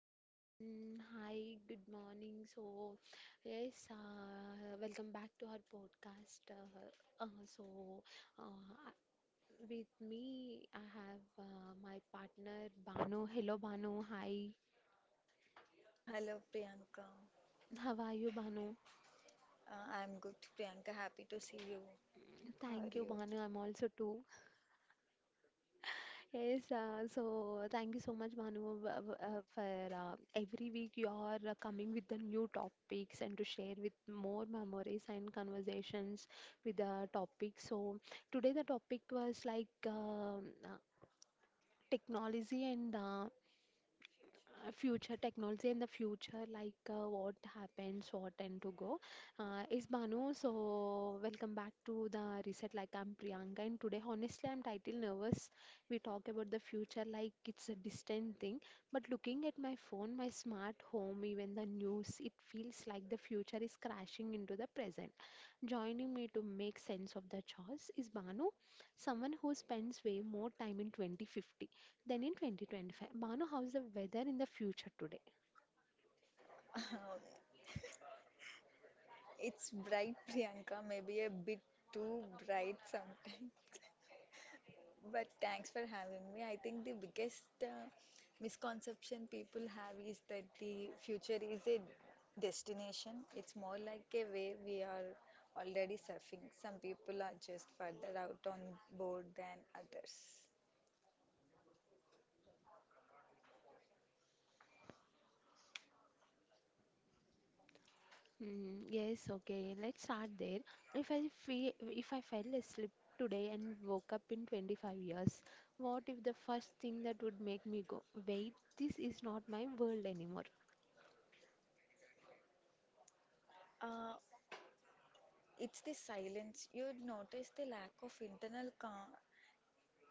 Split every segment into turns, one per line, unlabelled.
everyone. Hi, good morning. Welcome back to our podcast. Uh, so, uh, I- with me, I have my partner Banu. Hello, Banu. Hi.
Hello Priyanka.
How are you, Banu?
I'm good, Priyanka. Happy to see you. How are
Thank you,
you?
Banu. I'm also too. Yes, so thank you so much, Bhanu, for every week you are coming with the new topics and to share with more memories and conversations with the topic. So today the topic was technology and future technology and the future like what happens what and to go is Banu. So welcome back to the reset. Like I'm Priyanka, and today honestly I'm title nervous. We talk about the future like it's a distant thing, but looking at my phone, my smart home, even the news, it feels like the future is crashing into the present. Joining me to make sense of the choice is Banu, someone who spends way more time in 2050 then in 2025. Manu, how's the weather in the future today?
Uh, it's bright, Priyanka. Maybe a bit too bright sometimes. But thanks for having me. I think the biggest misconception people have is that the future is a destination. It's more like a way we are already surfing. Some people are just further out on board than others.
Mm, yes, okay. Let's start there. If I fell asleep today and woke up in 25 years, what if the first thing that would make me go, wait, this is not my world anymore?
Uh, It's the silence. You'd notice the lack of internal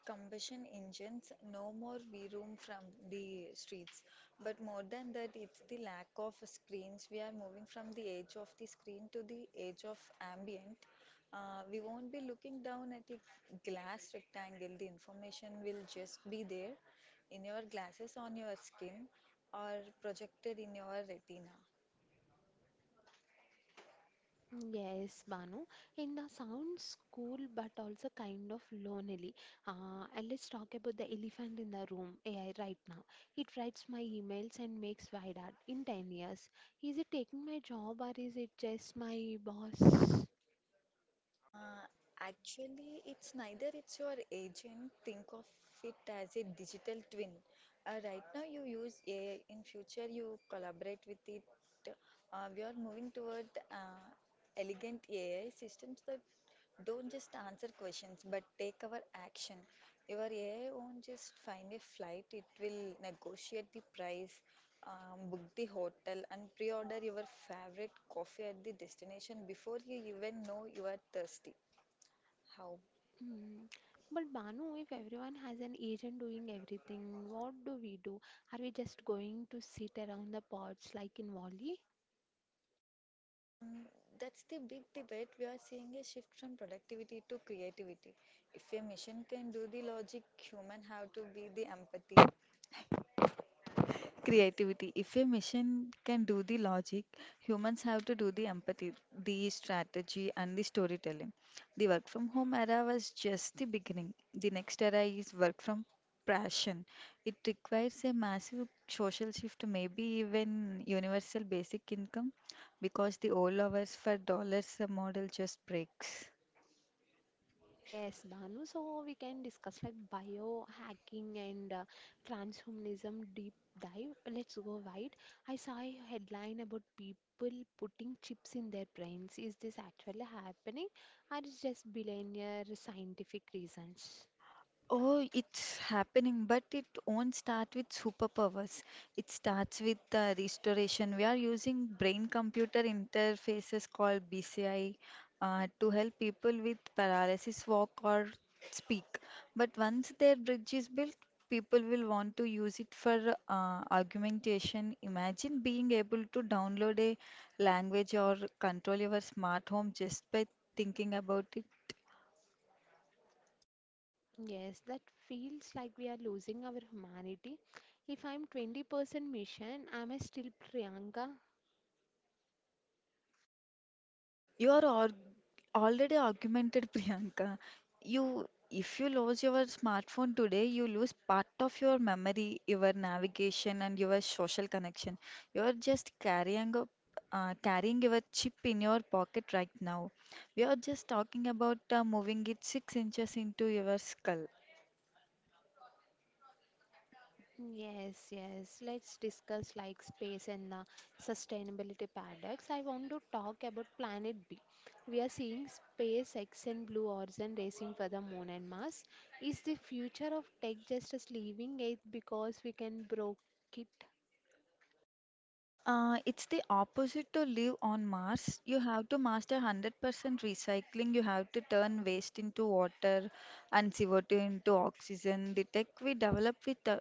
combustion engines, no more V room from the streets. But more than that, it's the lack of screens. We are moving from the edge of the screen to the edge of ambient. We won't be looking down at a glass rectangle. The information will just be there in your glasses, on your skin, or projected in your retina.
Yes, Banu. In the sounds cool, but also kind of lonely. And let's talk about the elephant in the room, AI, right now. It writes my emails and makes ViDAT in 10 years. Is it taking my job or is it just my boss?
Uh, Actually, it's neither. It's your agent. Think of it as a digital twin. Right now, you use AI. In future, you collaborate with it. We are moving toward uh, elegant AI systems that don't just answer questions, but take our action. Your AI won't just find a flight, it will negotiate the price, book the hotel, and pre order your favorite coffee at the destination before you even know you are thirsty. How?
Mm. But Banu, if everyone has an agent doing everything, what do we do? Are we just going to sit around the pods like in Wally?
Um, that's the big debate. We are seeing a shift from productivity to creativity. If a machine can do the logic, human have to be the empathy. Creativity. If a machine can do the logic, humans have to do the empathy, the strategy, and the storytelling. The work from home era was just the beginning. The next era is work from passion. It requires a massive social shift, maybe even universal basic income, because the old hours for dollars model just breaks.
Yes, Banu. So we can discuss like biohacking and transhumanism deep dive. Let's go wide. I saw a headline about people putting chips in their brains. Is this actually happening, or is just billionaire scientific reasons?
Oh, it's happening, but it won't start with superpowers. It starts with restoration. We are using brain computer interfaces called BCI to help people with paralysis walk or speak. But once their bridge is built, people will want to use it for augmentation. Imagine being able to download a language or control your smart home just by thinking about it.
Yes, that feels like we are losing our humanity. If I'm 20% mission, am I still Priyanka?
You are ar already augmented, Priyanka. You, if you lose your smartphone today, you lose part of your memory, your navigation, and your social connection. You are just carrying your chip in your pocket right now. We are just talking about moving it 6 inches into your skull.
Yes, yes. Let's discuss like space and sustainability paradox. I want to talk about planet B. We are seeing space X and Blue Origin racing for the moon and Mars. Is the future of tech just us leaving it because we can broke it?
It's the opposite to live on Mars. You have to master 100% recycling. You have to turn waste into water and CO2 into oxygen. The tech we develop with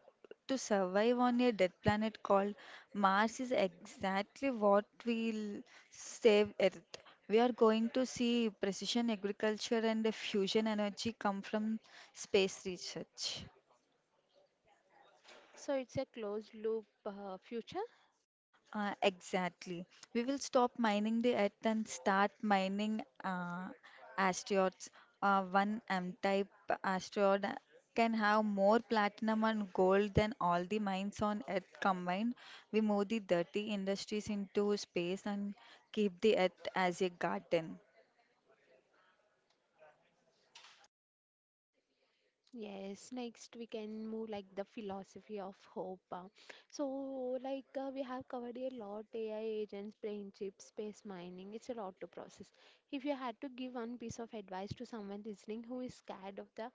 to survive on a dead planet called Mars is exactly what will save Earth. We are going to see precision agriculture and the fusion energy come from space research.
So it's a closed loop future.
Exactly. We will stop mining the earth and start mining asteroids. One M-type asteroid can have more platinum and gold than all the mines on Earth combined. We move the dirty industries into space and keep the Earth as a garden.
Yes, next we can move like the philosophy of hope. So, we have covered a lot: AI agents, brain chips, space mining. It's a lot to process. If you had to give one piece of advice to someone listening who is scared of the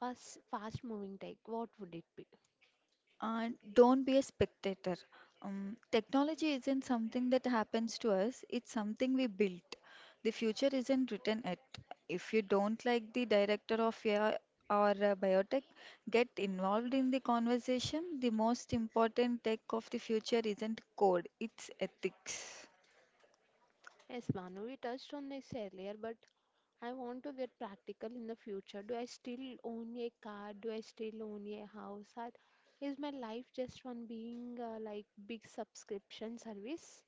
fast moving tech, what would it be?
Don't be a spectator. Technology isn't something that happens to us, it's something we built. The future isn't written yet. If you don't like the director of AI or biotech, get involved in the conversation. The most important tech of the future isn't code, it's ethics.
Yes, Manu, we touched on this earlier, but I want to get practical. In the future, do I still own a car? Do I still own a house? Or is my life just one being like big subscription service?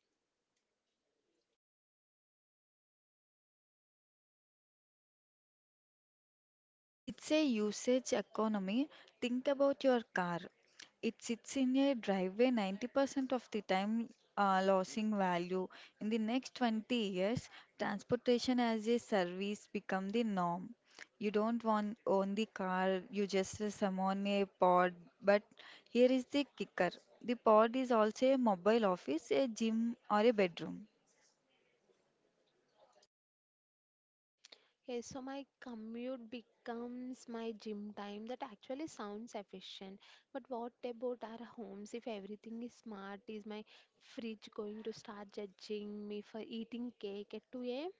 It's a usage economy. Think about your car. It sits in a driveway 90% of the time, losing value. In the next 20 years, transportation as a service become the norm. You don't want own the car, you just summon a pod. But here is the kicker. The pod is also a mobile office, a gym, or a bedroom.
Yes, so my commute becomes my gym time. That actually sounds efficient. But what about our homes? If everything is smart, is my fridge going to start judging me for eating cake at 2 a.m.?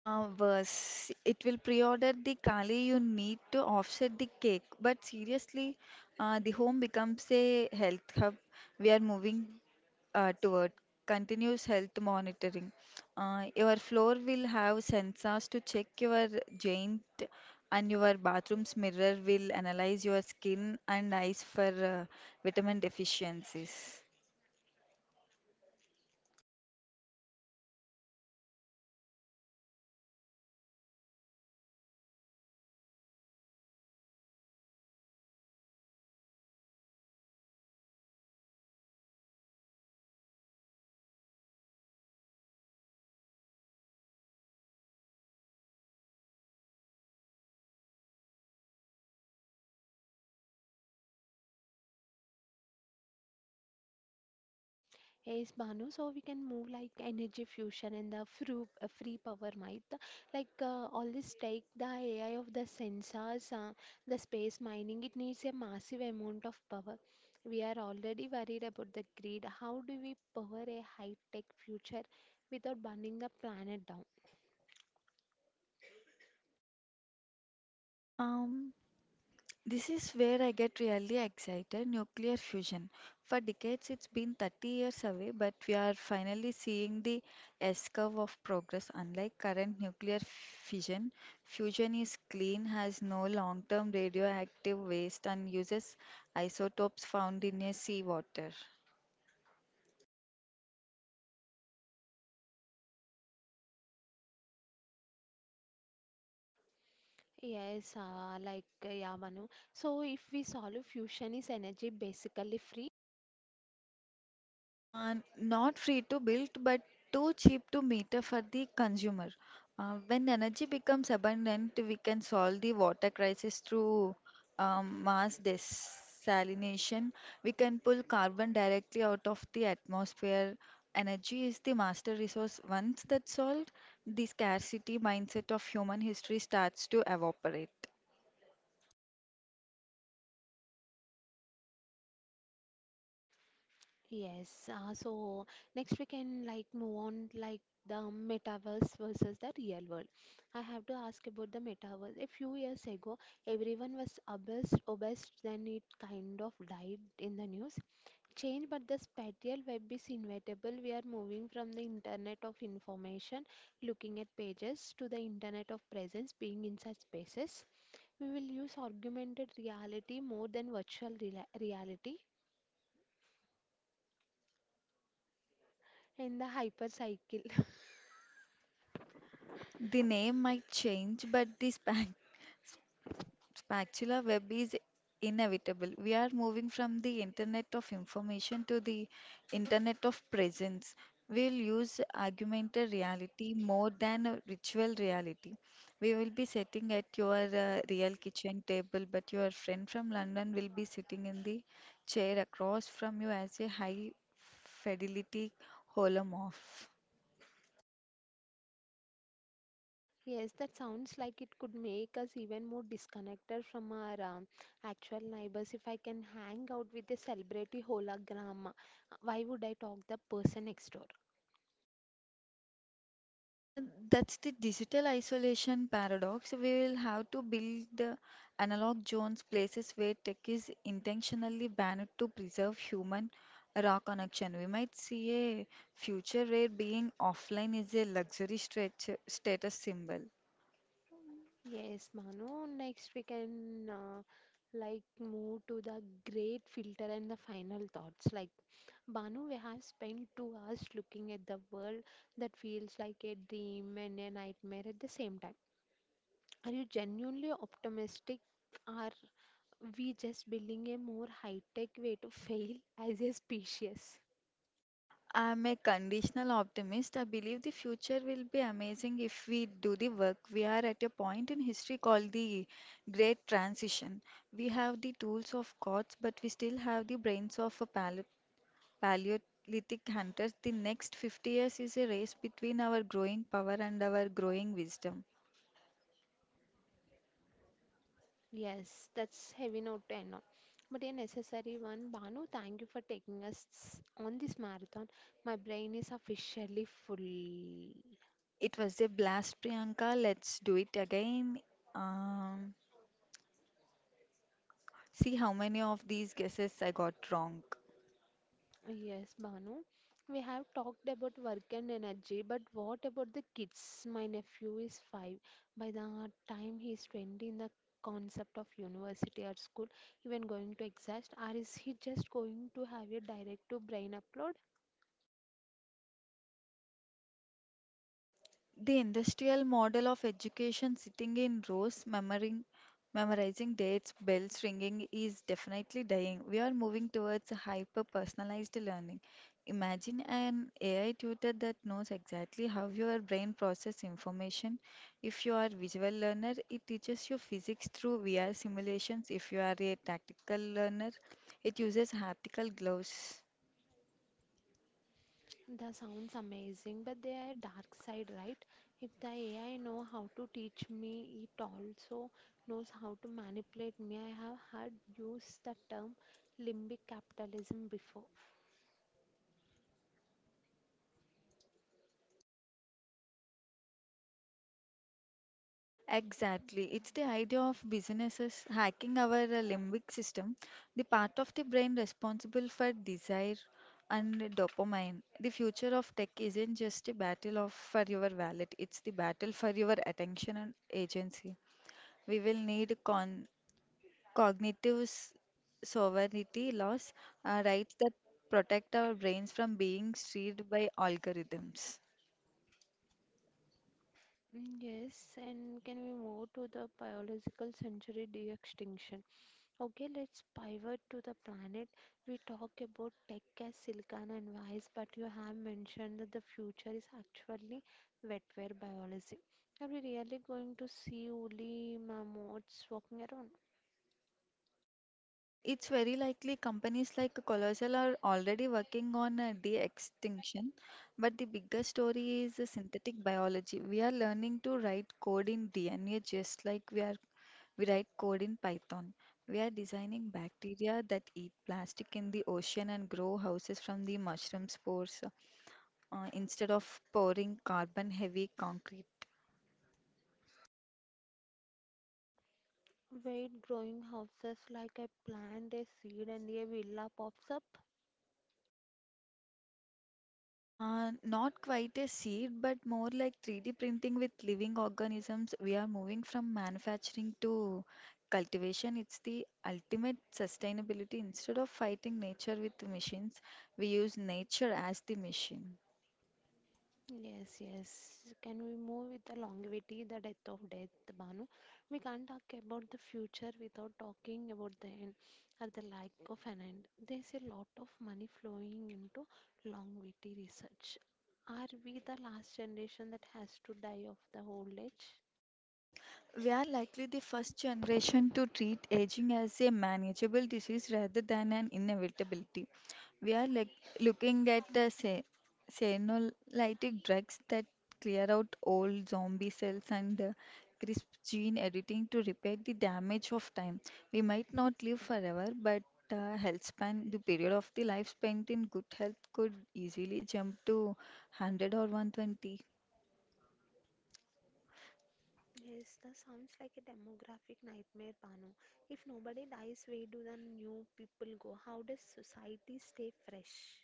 Worse, it will pre-order the kali you need to offset the cake. But seriously, the home becomes a health hub. We are moving toward continuous health monitoring. Your floor will have sensors to check your joint, and your bathroom's mirror will analyze your skin and eyes for uh, vitamin deficiencies.
Yes, Banu, so we can move like energy fusion and the free power. Might all this take the AI of the sensors, the space mining, it needs a massive amount of power. We are already worried about the grid. How do we power a high-tech future without burning the planet down?
Um, This is where I get really excited. Nuclear fusion. For decades, it's been 30 years away, but we are finally seeing the S curve of progress. Unlike current nuclear fission, fusion is clean, has no long term radioactive waste, and uses isotopes found in a seawater.
Banu, so if we solve fusion, is energy basically free?
Uh, Not free to build, but too cheap to meter for the consumer. When energy becomes abundant, we can solve the water crisis through mass desalination. We can pull carbon directly out of the atmosphere. Energy is the master resource. Once that's solved, the scarcity mindset of human history starts to evaporate.
Yes, so next we can move on the metaverse versus the real world. I have to ask about the metaverse. A few years ago, everyone was obsessed, then it kind of died in the news. Change, but the spatial web is inevitable. We are moving from the internet of information, looking at pages, to the internet of presence, being in such spaces. We will use augmented reality more than reality, and the hypercycle.
The name might change, but the spark Spatula web is inevitable. We are moving from the internet of information to the internet of presence. We'll use augmented reality more than a virtual reality. We will be sitting at your real kitchen table, but your friend from London will be sitting in the chair across from you as a high fidelity holomorph.
Yes, that sounds like it could make us even more disconnected from our actual neighbors. If I can hang out with a celebrity hologram, why would I talk the person next door?
Uh, that's the digital isolation paradox. We will have to build the analog zones, places where tech is intentionally banned to preserve human raw connection. We might see a future where being offline is a luxury stretch, status symbol.
Yes, Manu, next we can move to the great filter and the final thoughts. Like Banu, we have spent 2 hours looking at the world that feels like a dream and a nightmare at the same time. Are you genuinely optimistic? Or we just building a more high-tech way to fail as a species.
I'm a conditional optimist. I believe the future will be amazing if we do the work. We are at a point in history called the Great Transition. We have the tools of gods, but we still have the brains of a Paleolithic hunters. The next 50 years is a race between our growing power and our growing wisdom.
Yes, that's heavy note to end on. But a necessary one. Banu, thank you for taking us on this marathon. My brain is officially full.
It was a blast, Priyanka. Let's do it again. Um, See how many of these guesses I got wrong.
Yes, Banu. We have talked about work and energy, but what about the kids? My nephew is five. By the time he is 20, in the concept of university or school, even going to exist, or is he just going to have a direct to brain upload?
The industrial model of education sitting in rows, memorizing dates, bells ringing is definitely dying. We are moving towards hyper personalized learning. Imagine an AI tutor that knows exactly how your brain processes information. If you are a visual learner, it teaches you physics through VR simulations. If you are a tactical learner, it uses haptical gloves.
That sounds amazing, but there are dark side, right? If the AI know how to teach me, it also knows how to manipulate me. I have heard use the term limbic capitalism before.
Exactly. It's the idea of businesses hacking our limbic system, the part of the brain responsible for desire and dopamine. The future of tech isn't just a battle of for your wallet, it's the battle for your attention and agency. We will need con cognitive sovereignty laws, rights that protect our brains from being steered by algorithms.
Mm, yes. And can we move to the biological century de-extinction? Okay, let's pivot to the planet. We talk about tech as silicon and wise, but you have mentioned that the future is actually wetware biology. Are we really going to see woolly mammoths walking around?
It's very likely companies like Colossal are already working on de-extinction, but the bigger story is synthetic biology. We are learning to write code in DNA just like we write code in Python. We are designing bacteria that eat plastic in the ocean and grow houses from the mushroom spores instead of pouring carbon-heavy concrete.
Wait, growing houses like I plant a seed and a villa pops up?
Not quite a seed, but more like 3D printing with living organisms. We are moving from manufacturing to cultivation. It's the ultimate sustainability. Instead of fighting nature with machines, we use nature as the machine.
Yes, yes. Can we move with the longevity, the death of death, Banu? We can't talk about the future without talking about the end, or the lack of an end. There's a lot of money flowing into longevity research. Are we the last generation that has to die of the old age?
We are likely the first generation to treat aging as a manageable disease rather than an inevitability. We are like looking at the senolytic drugs that clear out old zombie cells and the crisp gene editing to repair the damage of time. We might not live forever, but health span, the period of the life spent in good health, could easily jump to 100 or 120.
Yes, that sounds like a demographic nightmare, Banu. If nobody dies, where do the new people go? How does society stay fresh?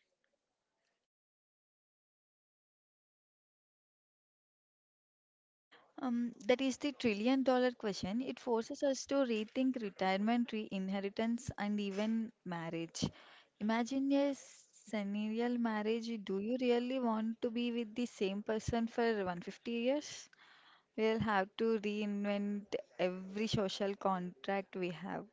That is the trillion dollar question. It forces us to rethink retirement, re inheritance, and even marriage. Imagine a scenario marriage. Do you really want to be with the same person for 150 years? We'll have to reinvent every social contract we have.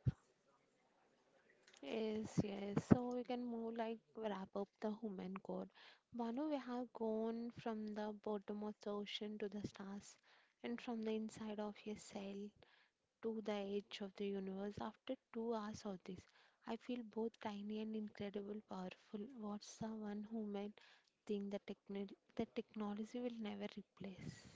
Yes, yes. So we can move like wrap up the human core. Banu, we have gone from the bottom of the ocean to the stars, and from the inside of your cell to the edge of the universe. After 2 hours of this, I feel both tiny and incredible powerful. What's the one human thing that technology will never replace?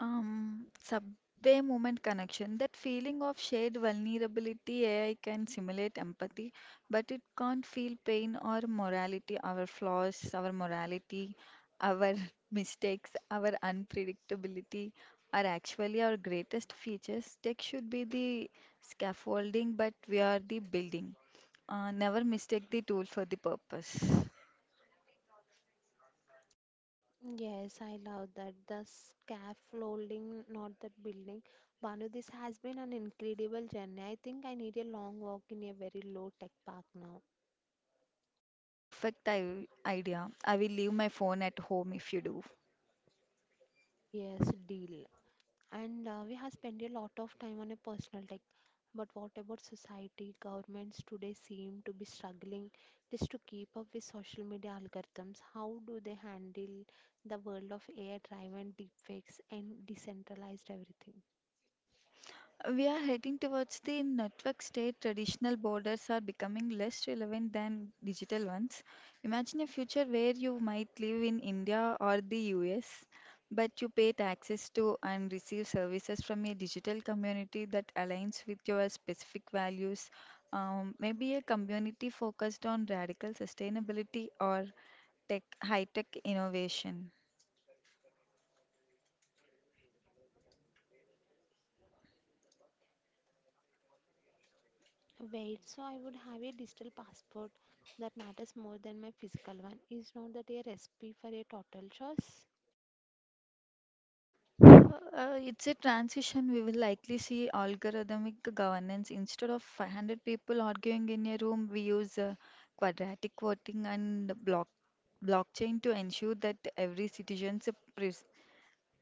Subway moment connection, that feeling of shared vulnerability, AI can simulate empathy, but it can't feel pain or morality, our flaws, our morality, our mistakes, our unpredictability are actually our greatest features. Tech should be the scaffolding, but we are the building. Never mistake the tool for the purpose.
Yes, I love that. The scaffolding, not that building. Banu, this has been an incredible journey. I think I need a long walk in a very low tech park now.
Perfect idea. I will leave my phone at home if you do.
Yes, deal. And we have spent a lot of time on a personal tech. But what about society? Governments today seem to be struggling just to keep up with social media algorithms. How do they handle the world of AI driven deepfakes and decentralized everything?
We are heading towards the network state. Traditional borders are becoming less relevant than digital ones. Imagine a future where you might live in India or the US, but you pay taxes to and receive services from a digital community that aligns with your specific values. Maybe a community focused on radical sustainability or tech, high tech innovation.
Wait, so I would have a digital passport that matters more than my physical one. Is not that a recipe for a total choice?
It's a transition. We will likely see algorithmic governance. Instead of 500 people arguing in a room, we use quadratic voting and blockchain to ensure that every citizen's pre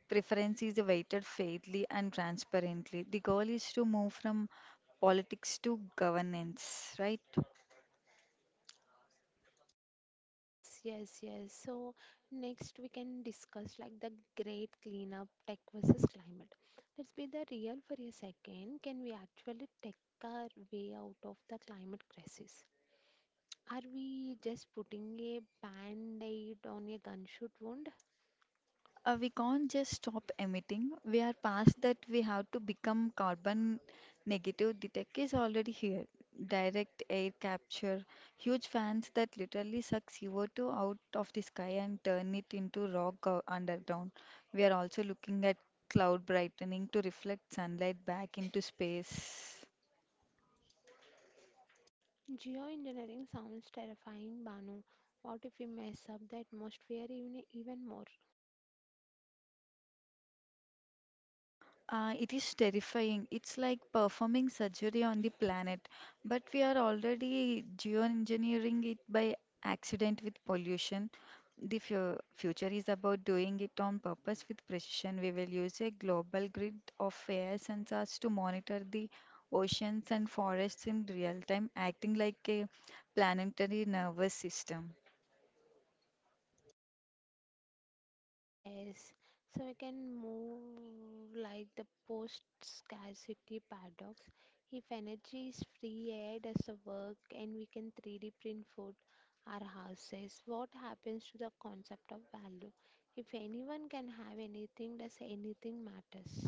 preference is weighted fairly and transparently. The goal is to move from politics to governance, right?
Yes, yes. So next we can discuss the great cleanup tech versus climate. Let's be the real for a second. Can we actually take our way out of the climate crisis? Are we just putting a band-aid on a gunshot wound?
We can't just stop emitting. We are past that. We have to become carbon negative. The tech is already here. Direct air capture, huge fans that literally suck CO2 out of the sky and turn it into underground. We are also looking at cloud brightening to reflect sunlight back into space.
Geoengineering sounds terrifying, Banu. What if we mess up the atmosphere even more?
It is terrifying. It's like performing surgery on the planet, but we are already geoengineering it by accident with pollution. The fu future is about doing it on purpose with precision. We will use a global grid of air sensors to monitor the oceans and forests in real time, acting like a planetary nervous system.
Yes, so we can move like the post scarcity paradox. If energy is free, AI does the work, and we can 3D print food, our houses, what happens to the concept of value? If anyone can have anything, does anything matters?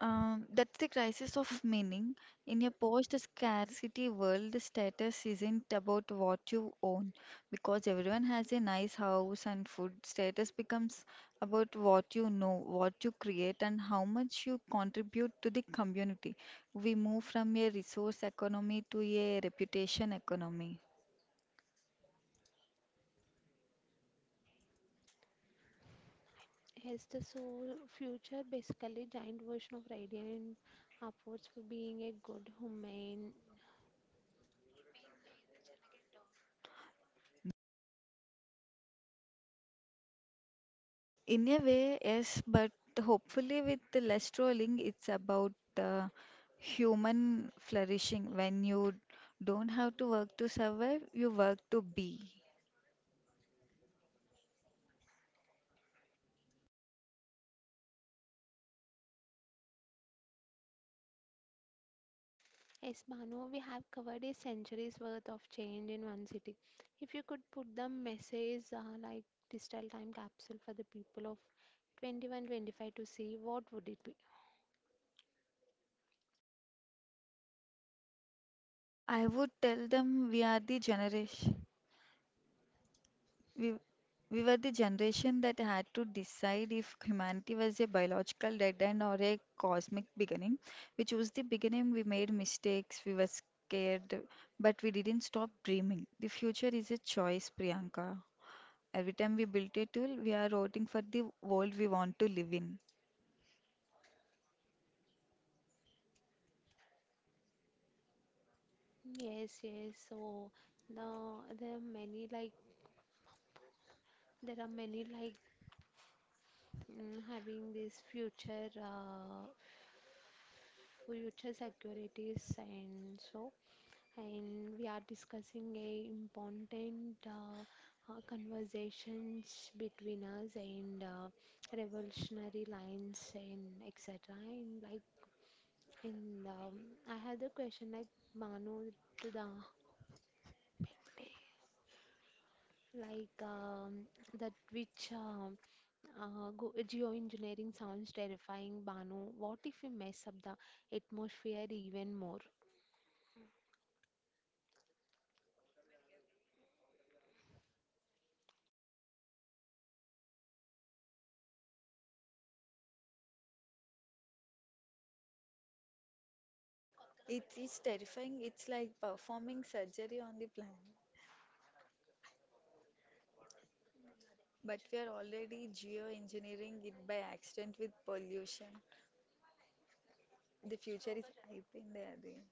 That's the crisis of meaning. In a post-scarcity world, the status isn't about what you own, because everyone has a nice house and food. Status becomes about what you know, what you create, and how much you contribute to the community. We move from a resource economy to a reputation economy.
Has the soul future basically giant version of radiant upwards for being a good human?
In a way, yes, but hopefully with the less trolling, it's about human flourishing. When you don't have to work to survive, you work to be.
Yes, Banu, we have covered a century's worth of change in one city. If you could put the message digital time capsule for the people of 2125 to see, what would it be?
I would tell them we we were the generation that had to decide if humanity was a biological dead end or a cosmic beginning. We chose the beginning, we made mistakes, we were scared, but we didn't stop dreaming. The future is a choice, Priyanka. Every time we build a tool, we are voting for the world we want to live in.
Yes, yes. So the there are many like there are many like having this future future securities and so, and we are discussing a important conversations between us and revolutionary lines and etc. And like, and I have the question like Manu to the Pette, like um, that geoengineering sounds terrifying, Banu. What if we mess up the atmosphere even more?
It is terrifying. It's like performing surgery on the planet. But we are already geoengineering it by accident with pollution. The future is ripe in the doing.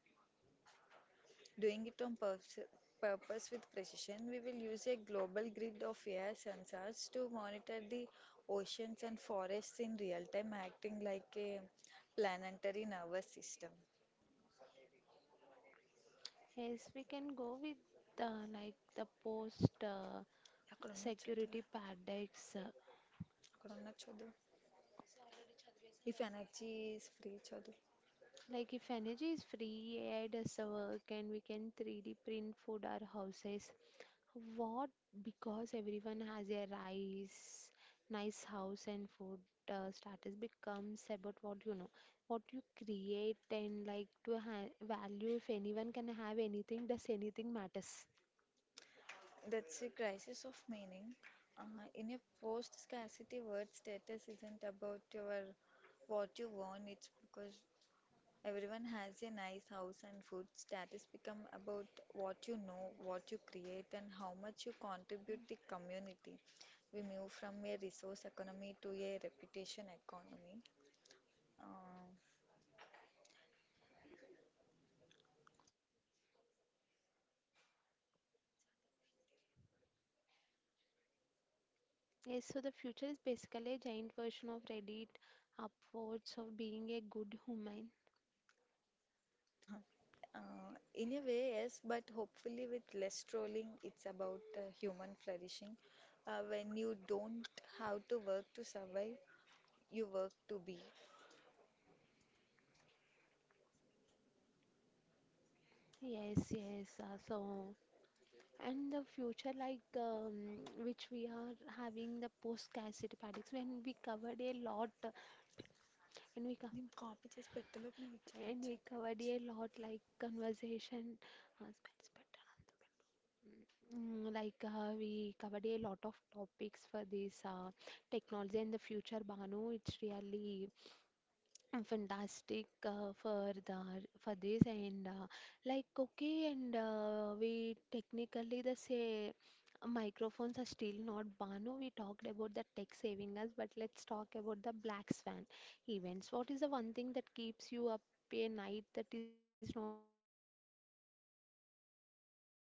Doing it on purpose with precision, we will use a global grid of AI sensors to monitor the oceans and forests in real time, acting like a planetary nervous system.
Yes, we can go with the post
అక్కడ ఉన్న చూడు
security paradox.
అక్కడ ఉన్న చూడు If energy is free, Chaudhary,
Like if energy is free, AI does the work, and we can 3D print food or houses. What? Because everyone has a nice house, and food. Status becomes about what you know, what you create, and value. If anyone can have anything, does anything matters?
that's a crisis of meaning. Uh, in a post scarcity world, status isn't about your what you want, it's because everyone has a nice house and food. Status become about what you know, what you create, and how much you contribute the community. We move from a resource economy to a reputation economy. Um,
Yes. So the future is basically a giant version of Reddit, upwards of being a good human.
in a way, yes, but hopefully with less trolling, it's about human flourishing. When you don't have to work to survive, you work to be.
Yes, yes. So and the future, which we are having the post-scarcity paradigms, when we covered a lot, and we co-
నేను copy చేసి పెట్టలోపు నాకు ఇచ్చారు
and we
ఇచ్చాక
covered a lot like conversation, uh, spends better on the. Mm, we covered a lot of topics for this technology and the future, Banu. It's really fantastic for the for this and like okay. and We technically the say microphones are still not Banu. We talked about the tech saving us, but let's talk about the black swan events. What is the one thing that keeps you up a night that is not a typical scientific movie plot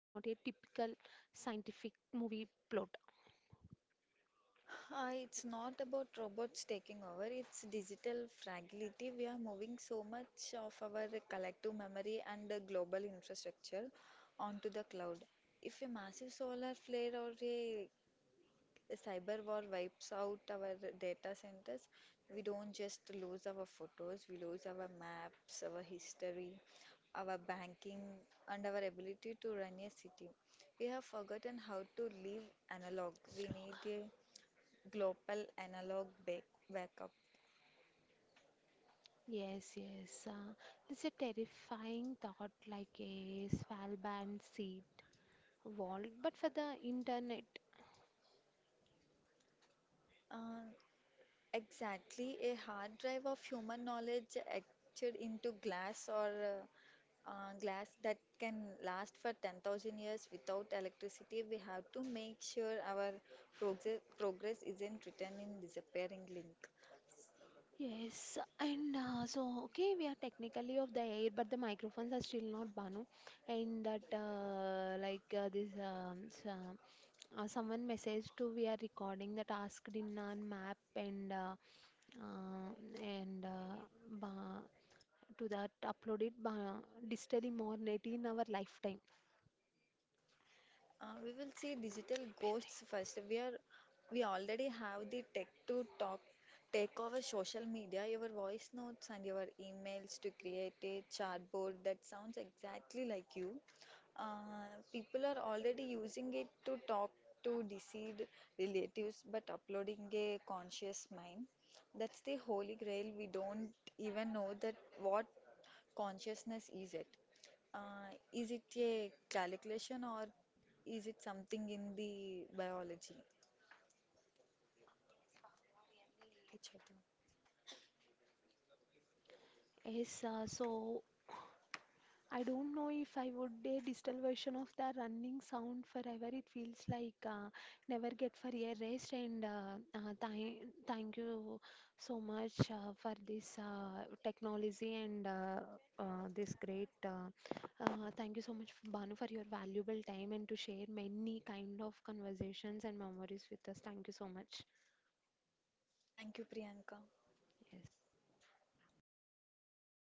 It's not about robots taking over, it's digital fragility. We are moving so much of our collective memory and the global infrastructure onto the cloud. If a massive solar flare or a The cyber war wipes out our data centers. We don't just lose our photos, we lose our maps, our history, our banking, and our ability to run a city. We have forgotten how to live analog. We
slogan?
need a global backup.
Yes, yes. This is a terrifying thought, like a Svalbard sea world, but for the internet.
Uh, Exactly, a hard drive of human knowledge etched into glass or glass that can last for 10,000 years without electricity. We have to make sure our progress isn't written in disappearing link.
Yes, and so okay, we are technically off the air, but the microphones are still not Banu. And that, someone messaged to we are recording the task in our map uh, and ba- to that uploaded ba- digitally more net in our lifetime.
We will see digital
అయిపోయింది.
ghosts first. We already have the tech to talk, take over social media, your voice notes and your emails to create a chatbot that sounds exactly like you. People are already using it to talk to deceased relatives, but uploading a conscious mind. That's the holy grail. We don't even know that what consciousness is it. Is it a calculation or is it something in the biology? अच्छा, तो
Yes, uh, so. I don't know if I would a digital version of the running sound forever. It feels like never get for a rest. And th Thank you so much for this technology and this great. Thank you so much, Banu, for your valuable time and to share many kind of conversations and memories with us. Thank you so much.
Thank you, Priyanka.
Yes.